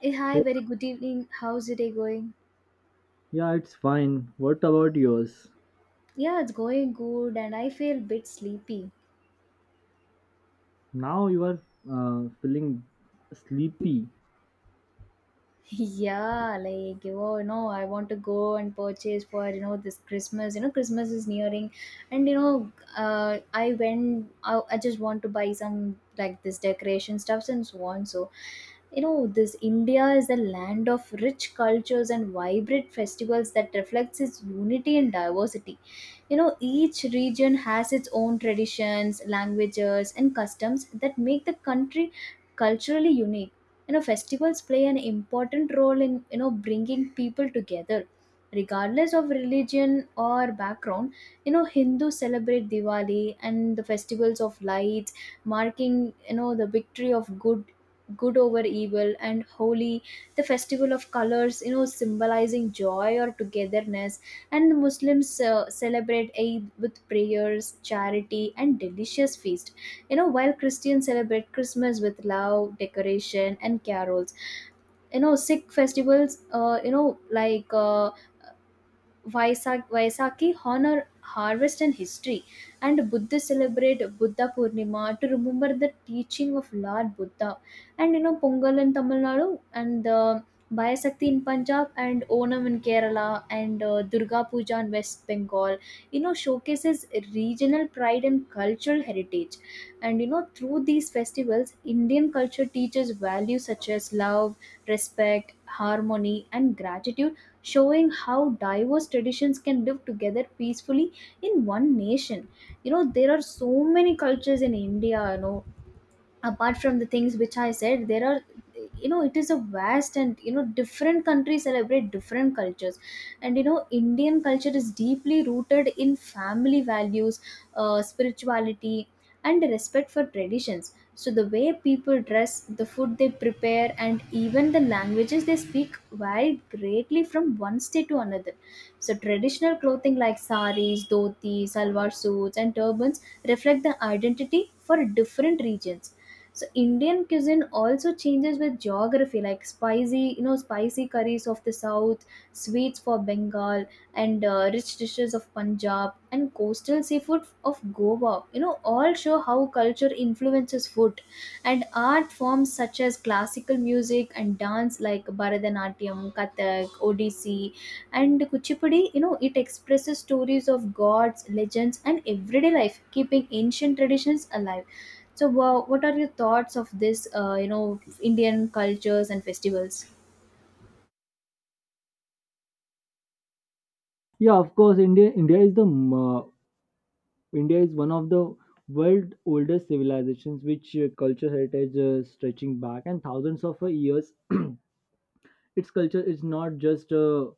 Hey, hi, Hey, very good evening. How's your day going? yeah, it's fine. What about yours? Yeah, it's going good, and I feel a bit sleepy. Now you are feeling sleepy. Yeah, like I want to go and purchase for this Christmas. Christmas is nearing, and I went. I just want to buy some like this decoration stuffs and so on. So, this India is a land of rich cultures and vibrant festivals that reflects its unity and diversity. Each region has its own traditions, languages, and customs that make the country culturally unique. Festivals play an important role in, bringing people together, regardless of religion or background. Hindus celebrate Diwali and the festivals of lights, marking, the victory of good over evil, and Holy, the festival of colors, symbolizing joy or togetherness. And the Muslims celebrate Eid with prayers, charity, and delicious feast. While Christians celebrate Christmas with love, decoration, and carols. Sikh festivals, like Vaisakhi honor harvest and history, and Buddhists celebrate Buddha Purnima to remember the teaching of Lord Buddha. And Pongal in Tamil Nadu, and Bayasakti in Punjab, and Onam in Kerala, and Durga Puja in West Bengal. Showcases regional pride and cultural heritage. And through these festivals, Indian culture teaches values such as love, respect, harmony, and gratitude, showing how diverse traditions can live together peacefully in one nation. There are so many cultures in India. Apart from the things which I said, there are, it is a vast, and different countries celebrate different cultures. And Indian culture is deeply rooted in family values, spirituality, and respect for traditions. So the way people dress, the food they prepare, and even the languages they speak vary greatly from one state to another. So traditional clothing like saris, dhotis, salwar suits, and turbans reflect the identity for different regions. So Indian cuisine also changes with geography, like spicy, spicy curries of the south, sweets for Bengal, and rich dishes of Punjab and coastal seafood of Goa, all show how culture influences food. And art forms such as classical music and dance like Bharatanatyam, Kathak, Odissi, and Kuchipudi, it expresses stories of gods, legends, and everyday life, keeping ancient traditions alive. So, wow, what are your thoughts of this, Indian cultures and festivals? Yeah, of course. India is the India is one of the world oldest civilizations, which culture heritage stretching back and thousands of years. Its culture is not just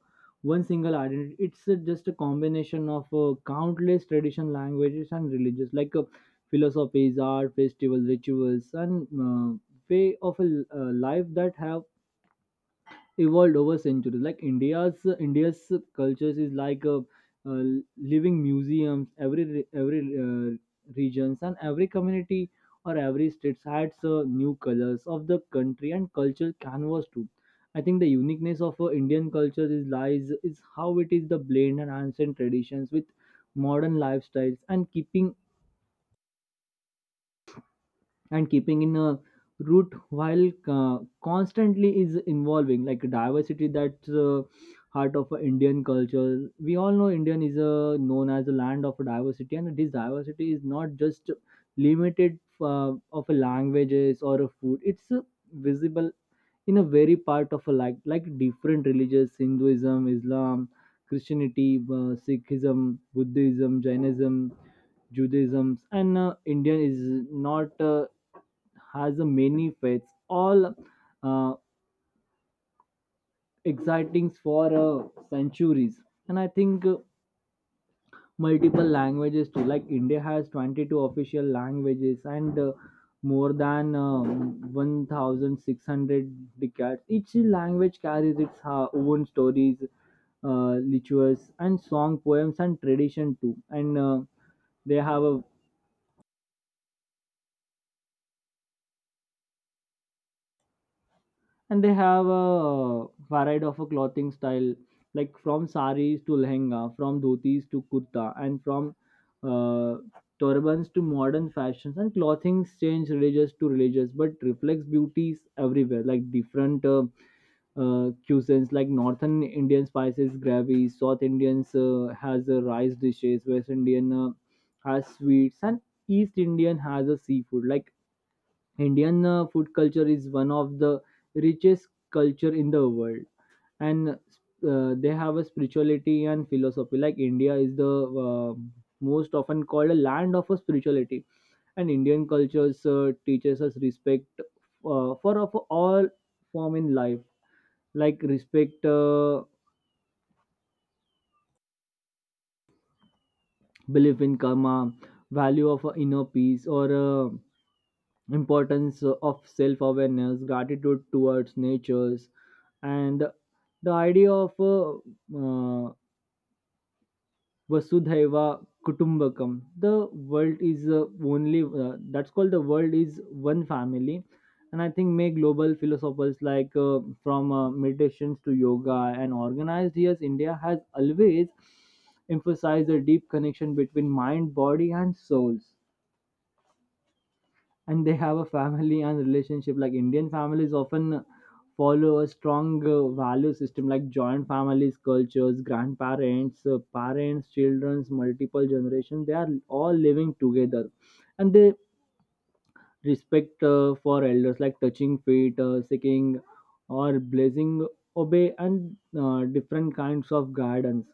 one single identity. It's just a combination of countless tradition, languages, and religious like philosophies, art, festivals, rituals, and way of a life that have evolved over centuries like india's cultures is like uh, living museums every regions and every community or every state adds new colors of the country and cultural canvas too. I think the uniqueness of indian culture is lies is how it is the blend and ancient traditions with modern lifestyles and keeping in a root while constantly is involving like diversity that's heart of a indian culture. We all know indian is known as a land of diversity, and this diversity is not just limited of a languages or a food. It's visible in a very part of a like different religions: hinduism, islam, christianity, sikhism, buddhism, jainism, Judaism. And Indian is not has a many faiths, all uh, exciting for centuries. And I think multiple languages too. Like India has 22 official languages and more than 1,600 decades. Each language carries its own stories, rituals, and song poems and tradition too. And they have a they have a variety of a clothing style, like from saris to lehenga, from dhotis to kurta, and from uh, turbans to modern fashions. And clothing change religious to religious but reflects beauties everywhere, like different cuisines like northern indian spices gravy, south indians has rice dishes, west indian has sweets, and east indian has a seafood. Like Indian food culture is one of the richest culture in the world, and they have a spirituality and philosophy. Like India is the most often called a land of a spirituality, and Indian cultures teaches us respect for of all form in life, like respect, belief in karma, value of inner peace, or importance of self-awareness, gratitude towards natures, and the idea of uh, vasudhaiva kutumbakam, the world is only that's called the world is one family. And I think may global philosophers like from meditations to yoga and organized, yes, india has always emphasized the deep connection between mind, body, and souls. And they have a family and relationship. Like indian families often follow a strong value system like joint families cultures, grandparents, parents, children's, multiple generations they are all living together. And they respect for elders, like touching feet, seeking or blessing, obey, and different kinds of guidance,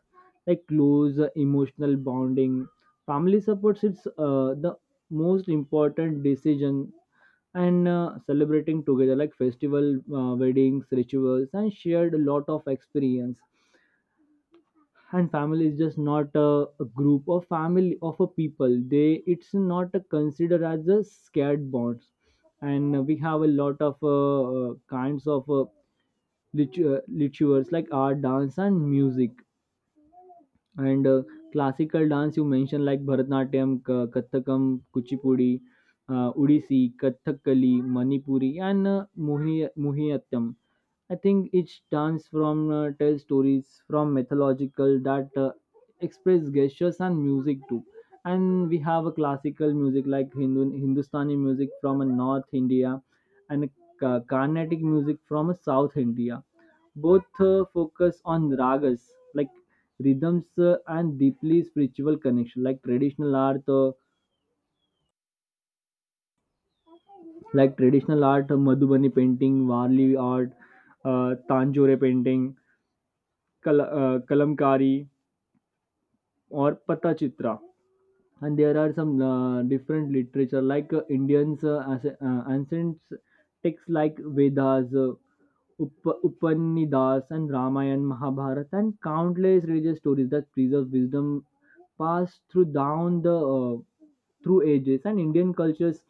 like close emotional bonding. Family supports, it's the most important decision. And celebrating together like festival, weddings, rituals, and shared a lot of experience. And family is just not a group or family of a people, they it's not a considered as a scared bonds. And we have a lot of kinds of rituals, like art, dance, and music. And classical dance you mentioned, like Bharatanatyam, Kathakam, Kuchipudi, Odissi, Kathakali, Manipuri, and Mohiniyattam. I think each dance from tells stories from mythological, that express gestures and music too. And we have a classical music like Hindustani music from a North India and a Carnatic music from a South India. Both focus on ragas like rhythms and deeply spiritual connection. Like traditional art madhubani painting, varli art, tanjore painting, kalamkari, और पत्ता Chitra. And there are some different literature, like indians ancient texts like vedas, Upanishads, and ramayana, mahabharata, and countless religious stories that preserve wisdom passed through down the through ages. And indian cultures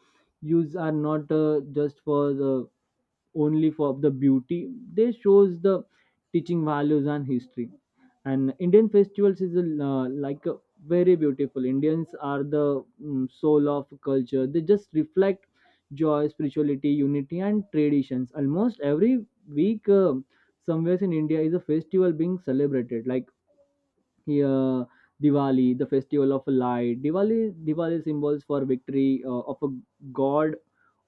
use are not just for the only for the beauty, they shows the teaching values and history. And indian festivals is like a very beautiful. Indians are the soul of culture, they just reflect joy, spirituality, unity, and traditions. Almost every week somewhere in india is a festival being celebrated, like here diwali, the festival of light. Diwali symbols for victory of a god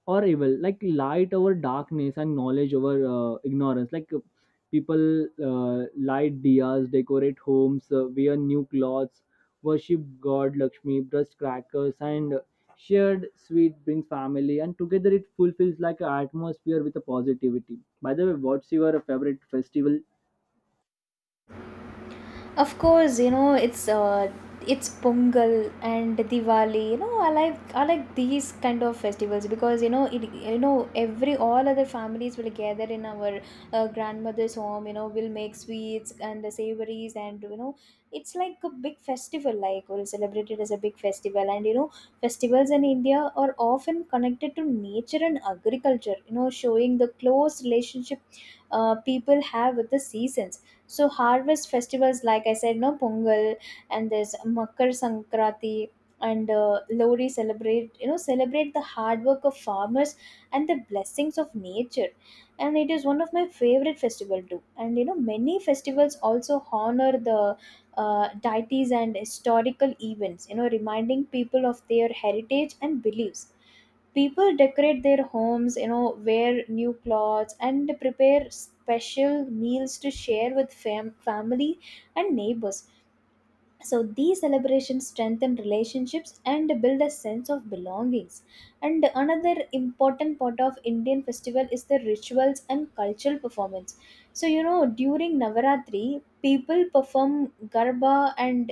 or evil, like light over darkness and knowledge over ignorance. Like people light diyas, decorate homes, wear new clothes, worship god lakshmi, brush crackers, and shared sweet, brings family and together, it fulfills like an atmosphere with a positivity. By the way, what's your favorite festival? Of course, it's it's Pongal and Diwali. I like these kind of festivals, because it, every all other families will gather in our grandmother's home. We'll make sweets and the savories, and it's like a big festival. Like we'll celebrate it as a big festival. And festivals in India are often connected to nature and agriculture. Showing the close relationship people have with the seasons. So harvest festivals, like I said, no Pongal, and there's Makar Sankranti and Lori celebrate, celebrate the hard work of farmers and the blessings of nature. And it is one of my favorite festival too. And many festivals also honor the deities and historical events. Reminding people of their heritage and beliefs. People decorate their homes, wear new clothes, and prepare special meals to share with family and neighbors. So these celebrations strengthen relationships and build a sense of belongings. And another important part of Indian festival is the rituals and cultural performance. So during Navaratri, people perform Garba and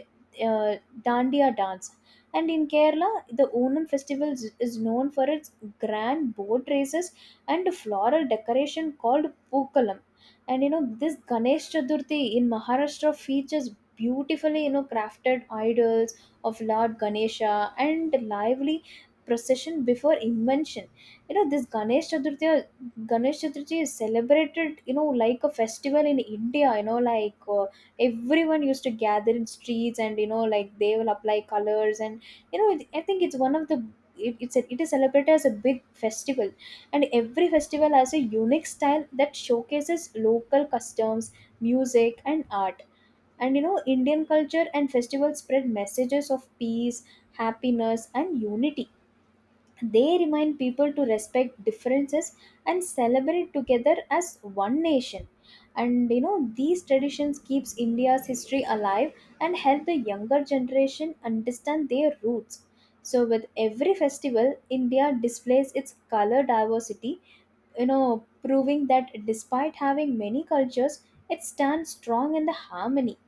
uh, Dandiya dance. And in Kerala, the Onam festival is known for its grand boat races and floral decoration called Pookalam. And this Ganesh Chaturthi in Maharashtra features beautifully, crafted idols of Lord Ganesha and lively procession before invention. This Ganesh Chaturthi is celebrated, like a festival in India. Everyone used to gather in streets, and like they will apply colors. And I think it's one of the, it is celebrated as a big festival. And every festival has a unique style that showcases local customs, music, and art. And Indian culture and festivals spread messages of peace, happiness, and unity. They remind people to respect differences and celebrate together as one nation. And these traditions keeps India's history alive and help the younger generation understand their roots. So with every festival, India displays its color diversity, proving that despite having many cultures, it stands strong in the harmony.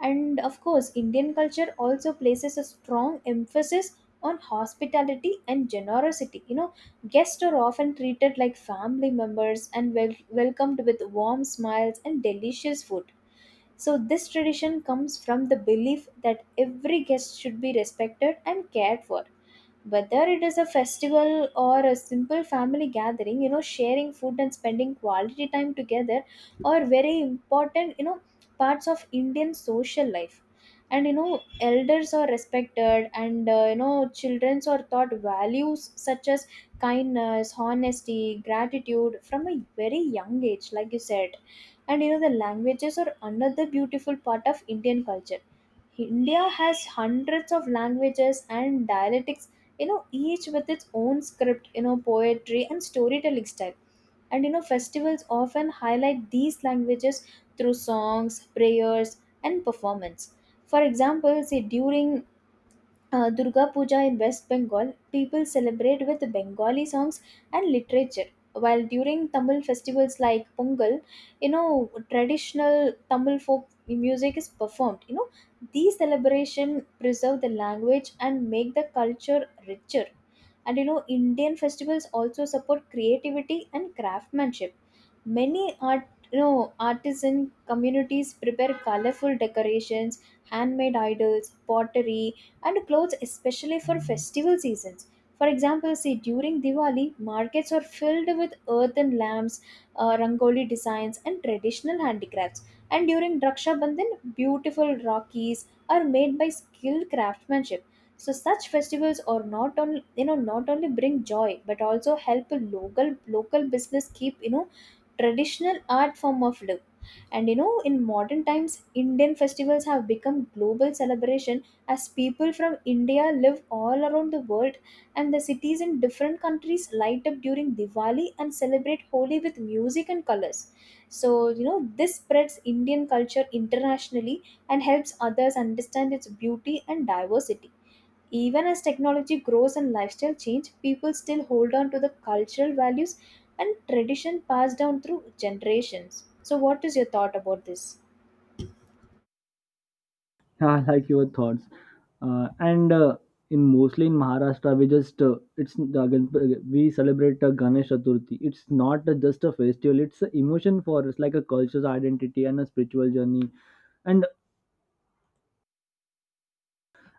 And of course, Indian culture also places a strong emphasis on hospitality and generosity. Guests are often treated like family members and welcomed with warm smiles and delicious food. So, this tradition comes from the belief that every guest should be respected and cared for. Whether it is a festival or a simple family gathering, sharing food and spending quality time together are very important, parts of Indian social life. And elders are respected, and children are taught values such as kindness, honesty, gratitude from a very young age, like you said. And the languages are another beautiful part of Indian culture. India has hundreds of languages and dialects, each with its own script, poetry, and storytelling style. And festivals often highlight these languages through songs, prayers, and performance. For example, say during Durga Puja in West Bengal, people celebrate with Bengali songs and literature. While during Tamil festivals like Pongal, traditional Tamil folk music is performed. These celebrations preserve the language and make the culture richer. And Indian festivals also support creativity and craftsmanship. Many art, artisan communities prepare colorful decorations, handmade idols, pottery, and clothes especially for festival seasons. For example, see during Diwali, markets are filled with earthen lamps, rangoli designs, and traditional handicrafts. And during Raksha Bandhan, beautiful rakis are made by skilled craftsmanship. So such festivals are not only, not only bring joy, but also help a local business keep, traditional art form of live. And in modern times, Indian festivals have become global celebration, as people from India live all around the world. And the cities in different countries light up during Diwali and celebrate Holi with music and colors. So, this spreads Indian culture internationally and helps others understand its beauty and diversity. Even as technology grows and lifestyle change, people still hold on to the cultural values and tradition passed down through generations. So, what is your thought about this? I like your thoughts. And in mostly in Maharashtra, we just it's the we celebrate Ganesh Chaturthi. It's not just a festival; it's an emotion for us, like a culture's identity and a spiritual journey, and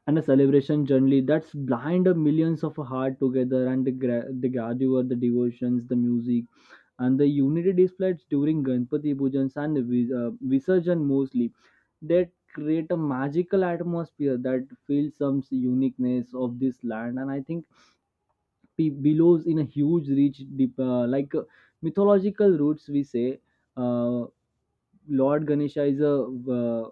a celebration journey that's blind millions of heart together, and the gatherer, the devotions, the music, and the unity displays during Ganpati Pujans and Visarjan mostly, that create a magical atmosphere that feels some uniqueness of this land. And I think billows in a huge, rich, deep, like mythological roots. We say uh, Lord Ganesha is a uh,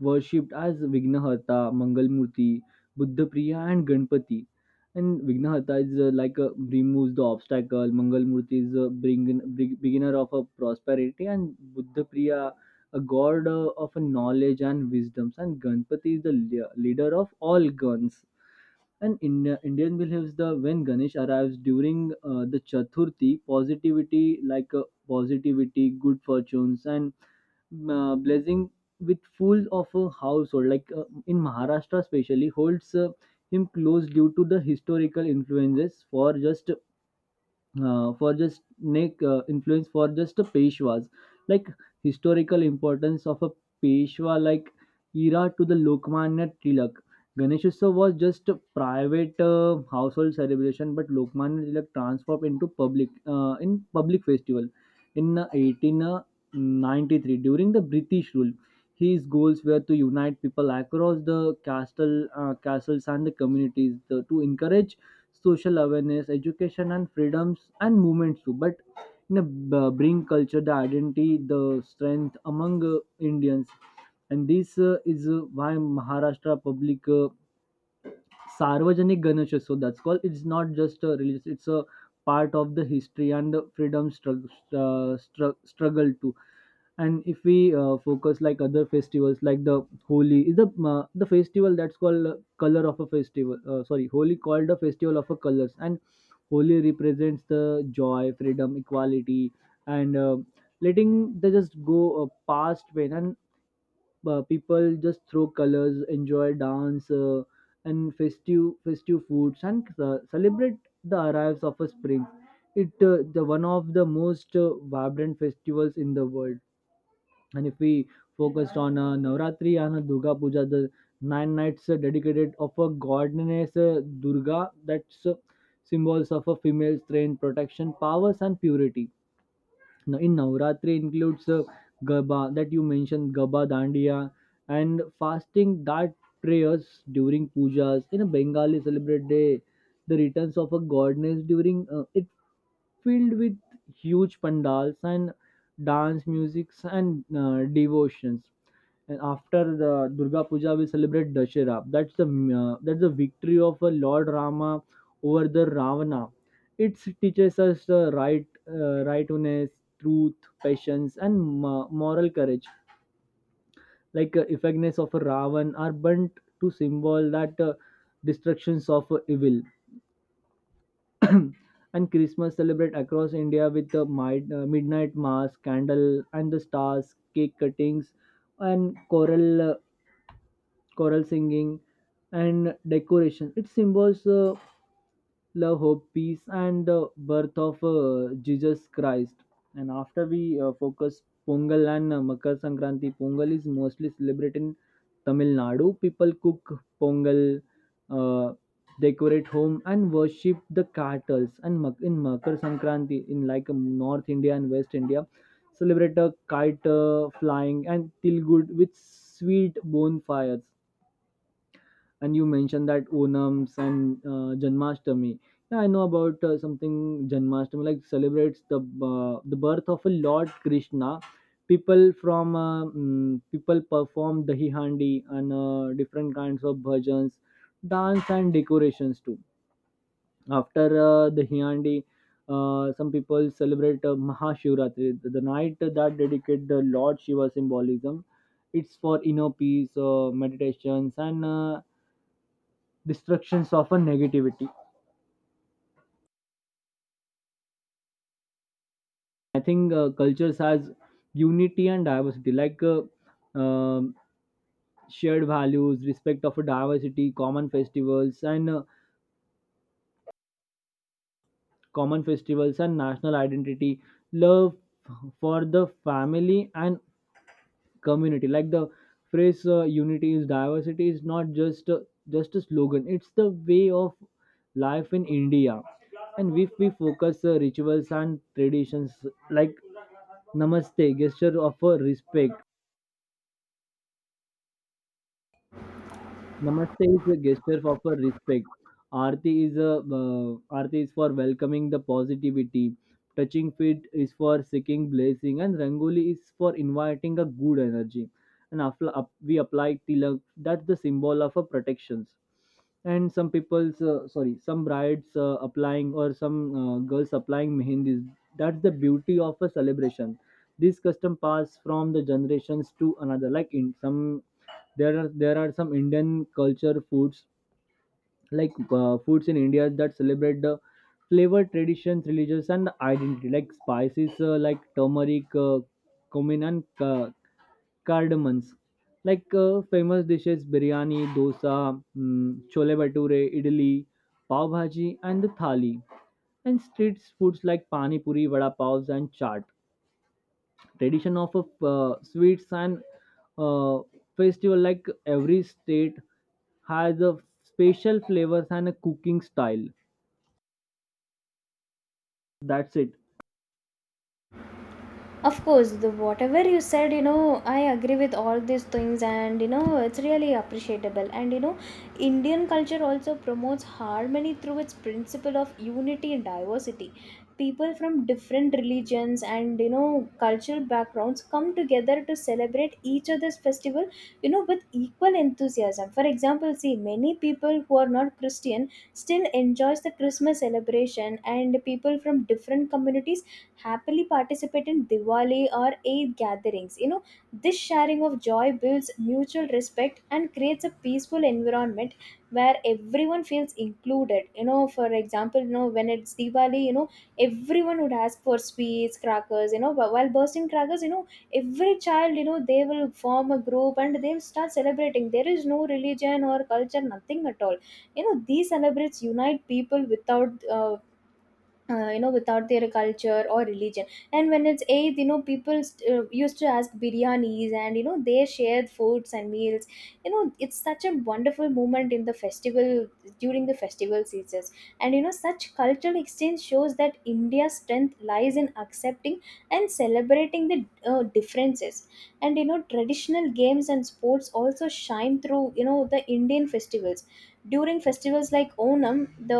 worshipped as Vignahata, Mangalmurti, Buddha Priya, and Ganpati. And Vignahata is like removes the obstacle. Mangalmurti is a bring, beginner of a prosperity, and Buddha Priya a god of a knowledge and wisdoms. And Ganpati is the leader of all guns. And Indian believes the when Ganesh arrives during the Chaturthi, positivity like positivity, good fortunes, and blessing with full of a household. Like in Maharashtra especially holds him close due to the historical influences for just make influence for just the Peshwas, like historical importance of a Peshwa like era to the Lokmanya Tilak. Ganesh Utsav was just a private household celebration, but Lokmanya Tilak transformed into public festival in 1893 during the British rule. His goals were to unite people across the castles and the communities, to encourage social awareness, education, and freedoms and movements too. But in bring culture, the identity, the strength among Indians, and this is why Maharashtra public. Sarvajanik Ganesh Utsav, that's called. It's not just a religious; it's a part of the history and the freedom struggle too. And if we focus like other festivals, like the Holi is the festival that's called color of a festival. Sorry, Holi called a festival of a colors, and Holi represents the joy, freedom, equality, and letting they just go past pain. And people just throw colors, enjoy dance and festive foods, and celebrate the arrives of a spring. It the one of the most vibrant festivals in the world. And if we focused on navratri and durga puja, the nine nights dedicated of a goddess durga, that's symbols of a female strength, protection, powers, and purity. Now, in Navratri includes Garba that you mentioned, Garba Dandiya, and fasting, that prayers during pujas. In a Bengali celebrate day, the returns of a goddess during it filled with huge pandals and dance musics and devotions. And after the Durga Puja, we celebrate Dashera. That's the victory of Lord Rama over the Ravana. It teaches us the rightness, truth, patience, and moral courage. Like effectiveness of a Ravan are burnt to symbol that destructions of evil. And Christmas celebrate across India with the midnight mass, candle, and the stars, cake cuttings, and choral singing and decoration. It symbols love, hope, peace, and the birth of Jesus Christ. And after we focus Pongal and Makar Sankranti. Pongal is mostly celebrated in Tamil Nadu. People cook Pongal, uh, decorate home, and worship the cattle. And in Makar Sankranti, in like North India and West India, celebrate a kite flying and Tilgud with sweet bonfires. And you mentioned that onams and janmashtami. Yeah, I know about something. Janmashtami like celebrates the birth of a lord krishna. People from people perform dahi handi and different kinds of bhajans, dance, and decorations too. After dahi handi, some people celebrate Mahashivratri, the night that dedicate the Lord Shiva symbolism. It's for inner peace, meditations, and destructions of a negativity. I think cultures has unity and diversity, like um, shared values, respect of a diversity, common festivals, and national identity, love for the family and community. Like the phrase unity is diversity is not just a slogan, it's the way of life in india. And if we focus rituals and traditions, like Namaste gesture of respect. Namaste is a gesture of a respect. Aarti is a Aarti is for welcoming the positivity. Touching feet is for seeking blessing, and Rangoli is for inviting a good energy. And after up, we apply tilak. That's the symbol of a protections. And some people's, sorry, some brides applying, or some girls applying mehendis. That's the beauty of a celebration. This custom pass from the generations to another. Like in some, there are some indian culture foods, like foods in india that celebrate the flavor, traditions, religious, and identity, like spices like turmeric, cumin, and cardamoms. Like famous dishes: biryani, dosa, chole bhature, idli, pav bhaji, and the thali. And street foods like pani puri, vada pavs, and chaat. Tradition of sweets and uh, festival, like every state has a special flavors and a cooking style. That's it. Of course, the whatever you said, I agree with all these things, and it's really appreciable. And Indian culture also promotes harmony through its principle of unity and diversity. People from different religions and, cultural backgrounds come together to celebrate each other's festival, with equal enthusiasm. For example, see, many people who are not Christian still enjoys the Christmas celebration, and people from different communities happily participate in Diwali or Eid gatherings. This sharing of joy builds mutual respect and creates a peaceful environment where everyone feels included. For example, when it's Diwali, everyone would ask for sweets, crackers, while bursting crackers, every child, they will form a group and they'll start celebrating. There is no religion or culture, nothing at all. These celebrates unite people without, without their culture or religion. And when it's Eid, people used to ask biryanis, and they shared foods and meals. It's such a wonderful moment in the festival during the festival seasons. And such cultural exchange shows that India's strength lies in accepting and celebrating the differences. And traditional games and sports also shine through, the Indian festivals. During festivals like Onam, the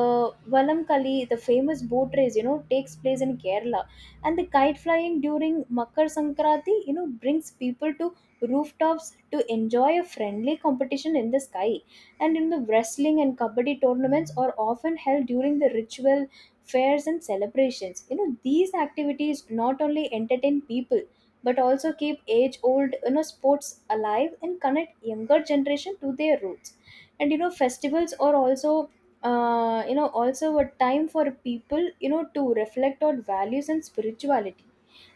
Valamkali, the famous boat race, takes place in Kerala. And the kite flying during Makar Sankranti, brings people to rooftops to enjoy a friendly competition in the sky. And in the wrestling and kabaddi tournaments are often held during the ritual fairs and celebrations. These activities not only entertain people but also keep age old sports alive and connect younger generation to their roots. And festivals are also a time for people to reflect on values and spirituality.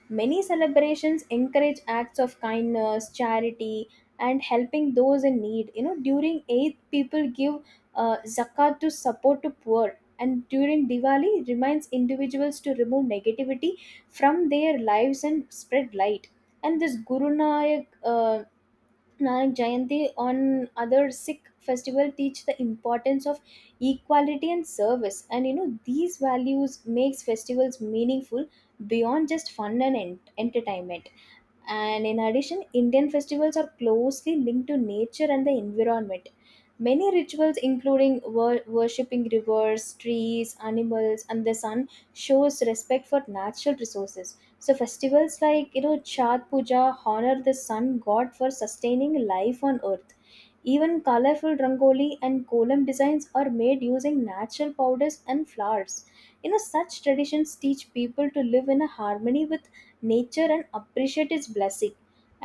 Many celebrations encourage acts of kindness, charity, and helping those in need. During Eid, people give zakat to support the poor. And during Diwali reminds individuals to remove negativity from their lives and spread light. And this Guru Nanak Jayanti on other Sikh festival teach the importance of equality and service. And these values makes festivals meaningful beyond just fun and entertainment. And in addition, Indian festivals are closely linked to nature and the environment. Many rituals, including worshipping rivers, trees, animals, and the sun, shows respect for natural resources. So festivals like Chhat Puja honor the sun god for sustaining life on earth. Even colorful rangoli and kolam designs are made using natural powders and flowers. Such traditions teach people to live in a harmony with nature and appreciate its blessing.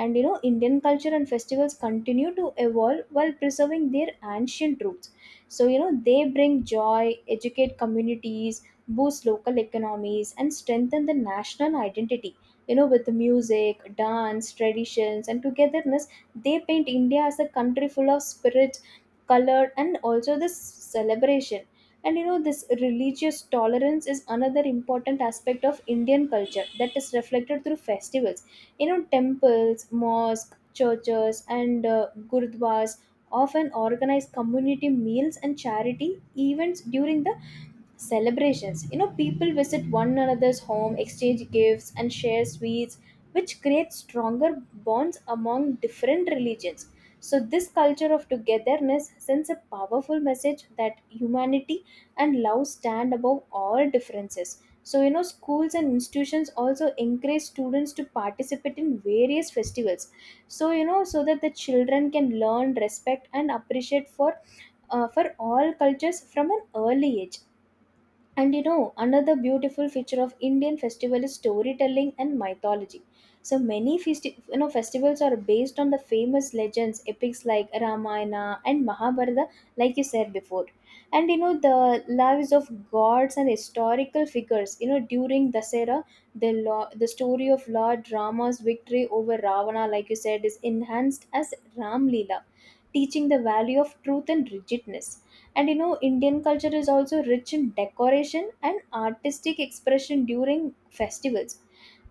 And Indian culture and festivals continue to evolve while preserving their ancient roots. So they bring joy, educate communities, boost local economies, and strengthen the national identity with music, dance, traditions, and togetherness. They paint India as a country full of spirit, color, and also this celebration. And this religious tolerance is another important aspect of Indian culture that is reflected through festivals. Temples, mosques, churches, and gurdwaras often organize community meals and charity events during the celebrations. People visit one another's home, exchange gifts, and share sweets, which creates stronger bonds among different religions. So, this culture of togetherness sends a powerful message that humanity and love stand above all differences. So, schools and institutions also encourage students to participate in various festivals. So, so that the children can learn respect and appreciate for all cultures from an early age. And another beautiful feature of Indian festival is storytelling and mythology. So many festivals are based on the famous legends, epics like Ramayana and Mahabharata, like you said before. And the lives of gods and historical figures. During Dasera, the story of Lord Rama's victory over Ravana, like you said, is enhanced as Ram Leela, teaching the value of truth and rigidness. And Indian culture is also rich in decoration and artistic expression during festivals.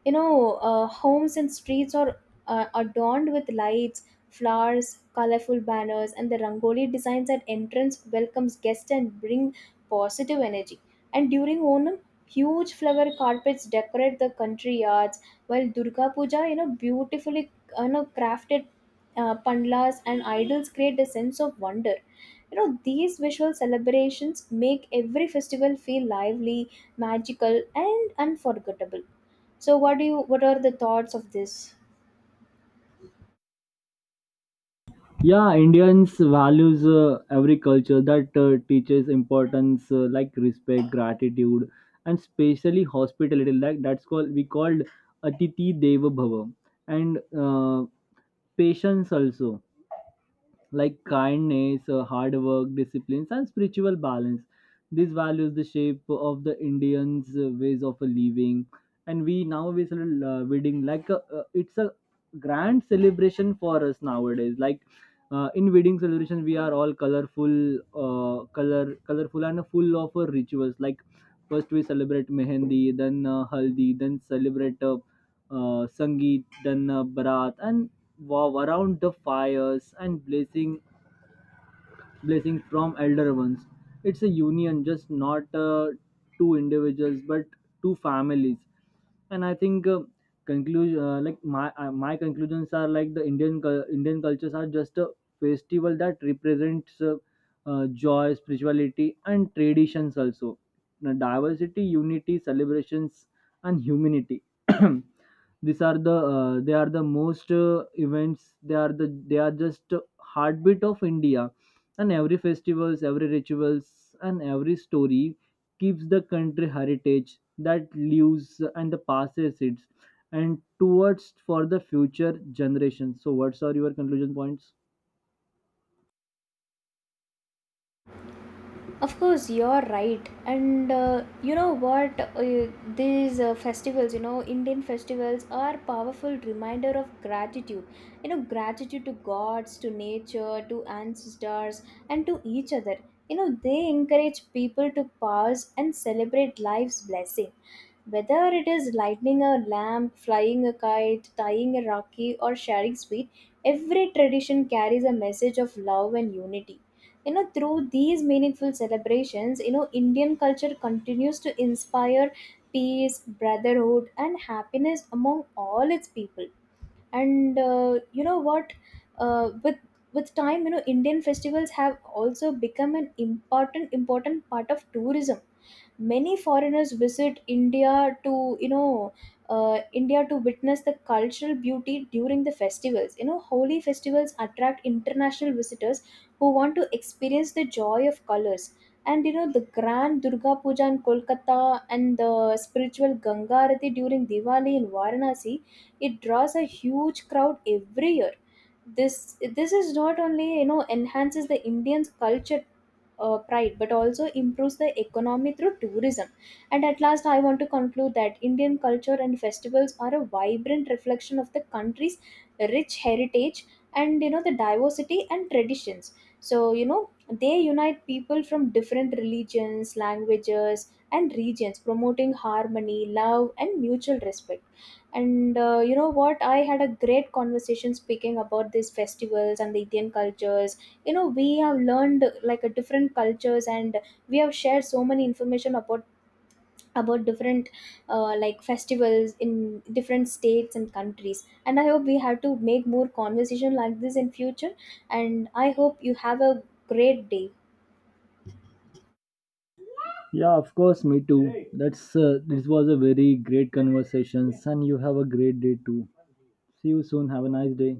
Homes and streets are adorned with lights, flowers, colorful banners, and the rangoli designs at entrance welcomes guests and bring positive energy. And during Onam, huge flower carpets decorate the country yards, while Durga Puja, beautifully crafted pandlas and idols create a sense of wonder. These visual celebrations make every festival feel lively, magical, and unforgettable. So what do you what are the thoughts of this? Yeah, Indians values every culture that teaches importance like respect, gratitude, and especially hospitality. Like that's called, we called Atiti Deva Bhava, and patience also, like kindness, hard work, discipline, and spiritual balance. These values the shape of the Indians' ways of living. And we nowadays are wedding like it's a grand celebration for us nowadays. Like in wedding celebration, we are all colorful, colorful and full of rituals. Like first we celebrate mehendi, then haldi, then celebrate sangeet, then barat, and wow around the fires and blazing blessing from elder ones. It's a union, just not two individuals, but two families. And I think conclusion, like my conclusions are, like, the Indian cultures are just a festival that represents joy, spirituality, and traditions also. Now, diversity, unity, celebrations, and humanity. These are the they are the most events, they are just heartbeat of india. And every festivals, every rituals, and every story keeps the country heritage that lives, and the passes it and towards for the future generations. So what are your conclusion points? Of course, you're right. And you know what? These festivals, Indian festivals are powerful reminder of gratitude. Gratitude to gods, to nature, to ancestors, and to each other. They encourage people to pause and celebrate life's blessing. Whether it is lighting a lamp, flying a kite, tying a rakhi, or sharing sweet, every tradition carries a message of love and unity. Through these meaningful celebrations, Indian culture continues to inspire peace, brotherhood, and happiness among all its people. And you know what? With time, Indian festivals have also become an important part of tourism. Many foreigners visit India to you know india to witness the cultural beauty during the festivals. Holy festivals attract international visitors who want to experience the joy of colors. And the grand Durga Puja in Kolkata and the spiritual Ganga Arati during Diwali in Varanasi, it draws a huge crowd every year. This this is not only enhances the Indian's culture pride but also improves the economy through tourism. And at last, I want to conclude that Indian culture and festivals are a vibrant reflection of the country's rich heritage and the diversity and traditions. So they unite people from different religions, languages, and regions, promoting harmony, love, and mutual respect. And you know what? I had a great conversation speaking about these festivals and the Indian cultures. We have learned like a different cultures and we have shared so many information about different like festivals in different states and countries, and I hope we have to make more conversation like this in future. And I hope you have a great day. Yeah, of course, me too. That's this was a very great conversations, and you have a great day too. See you soon, have a nice day.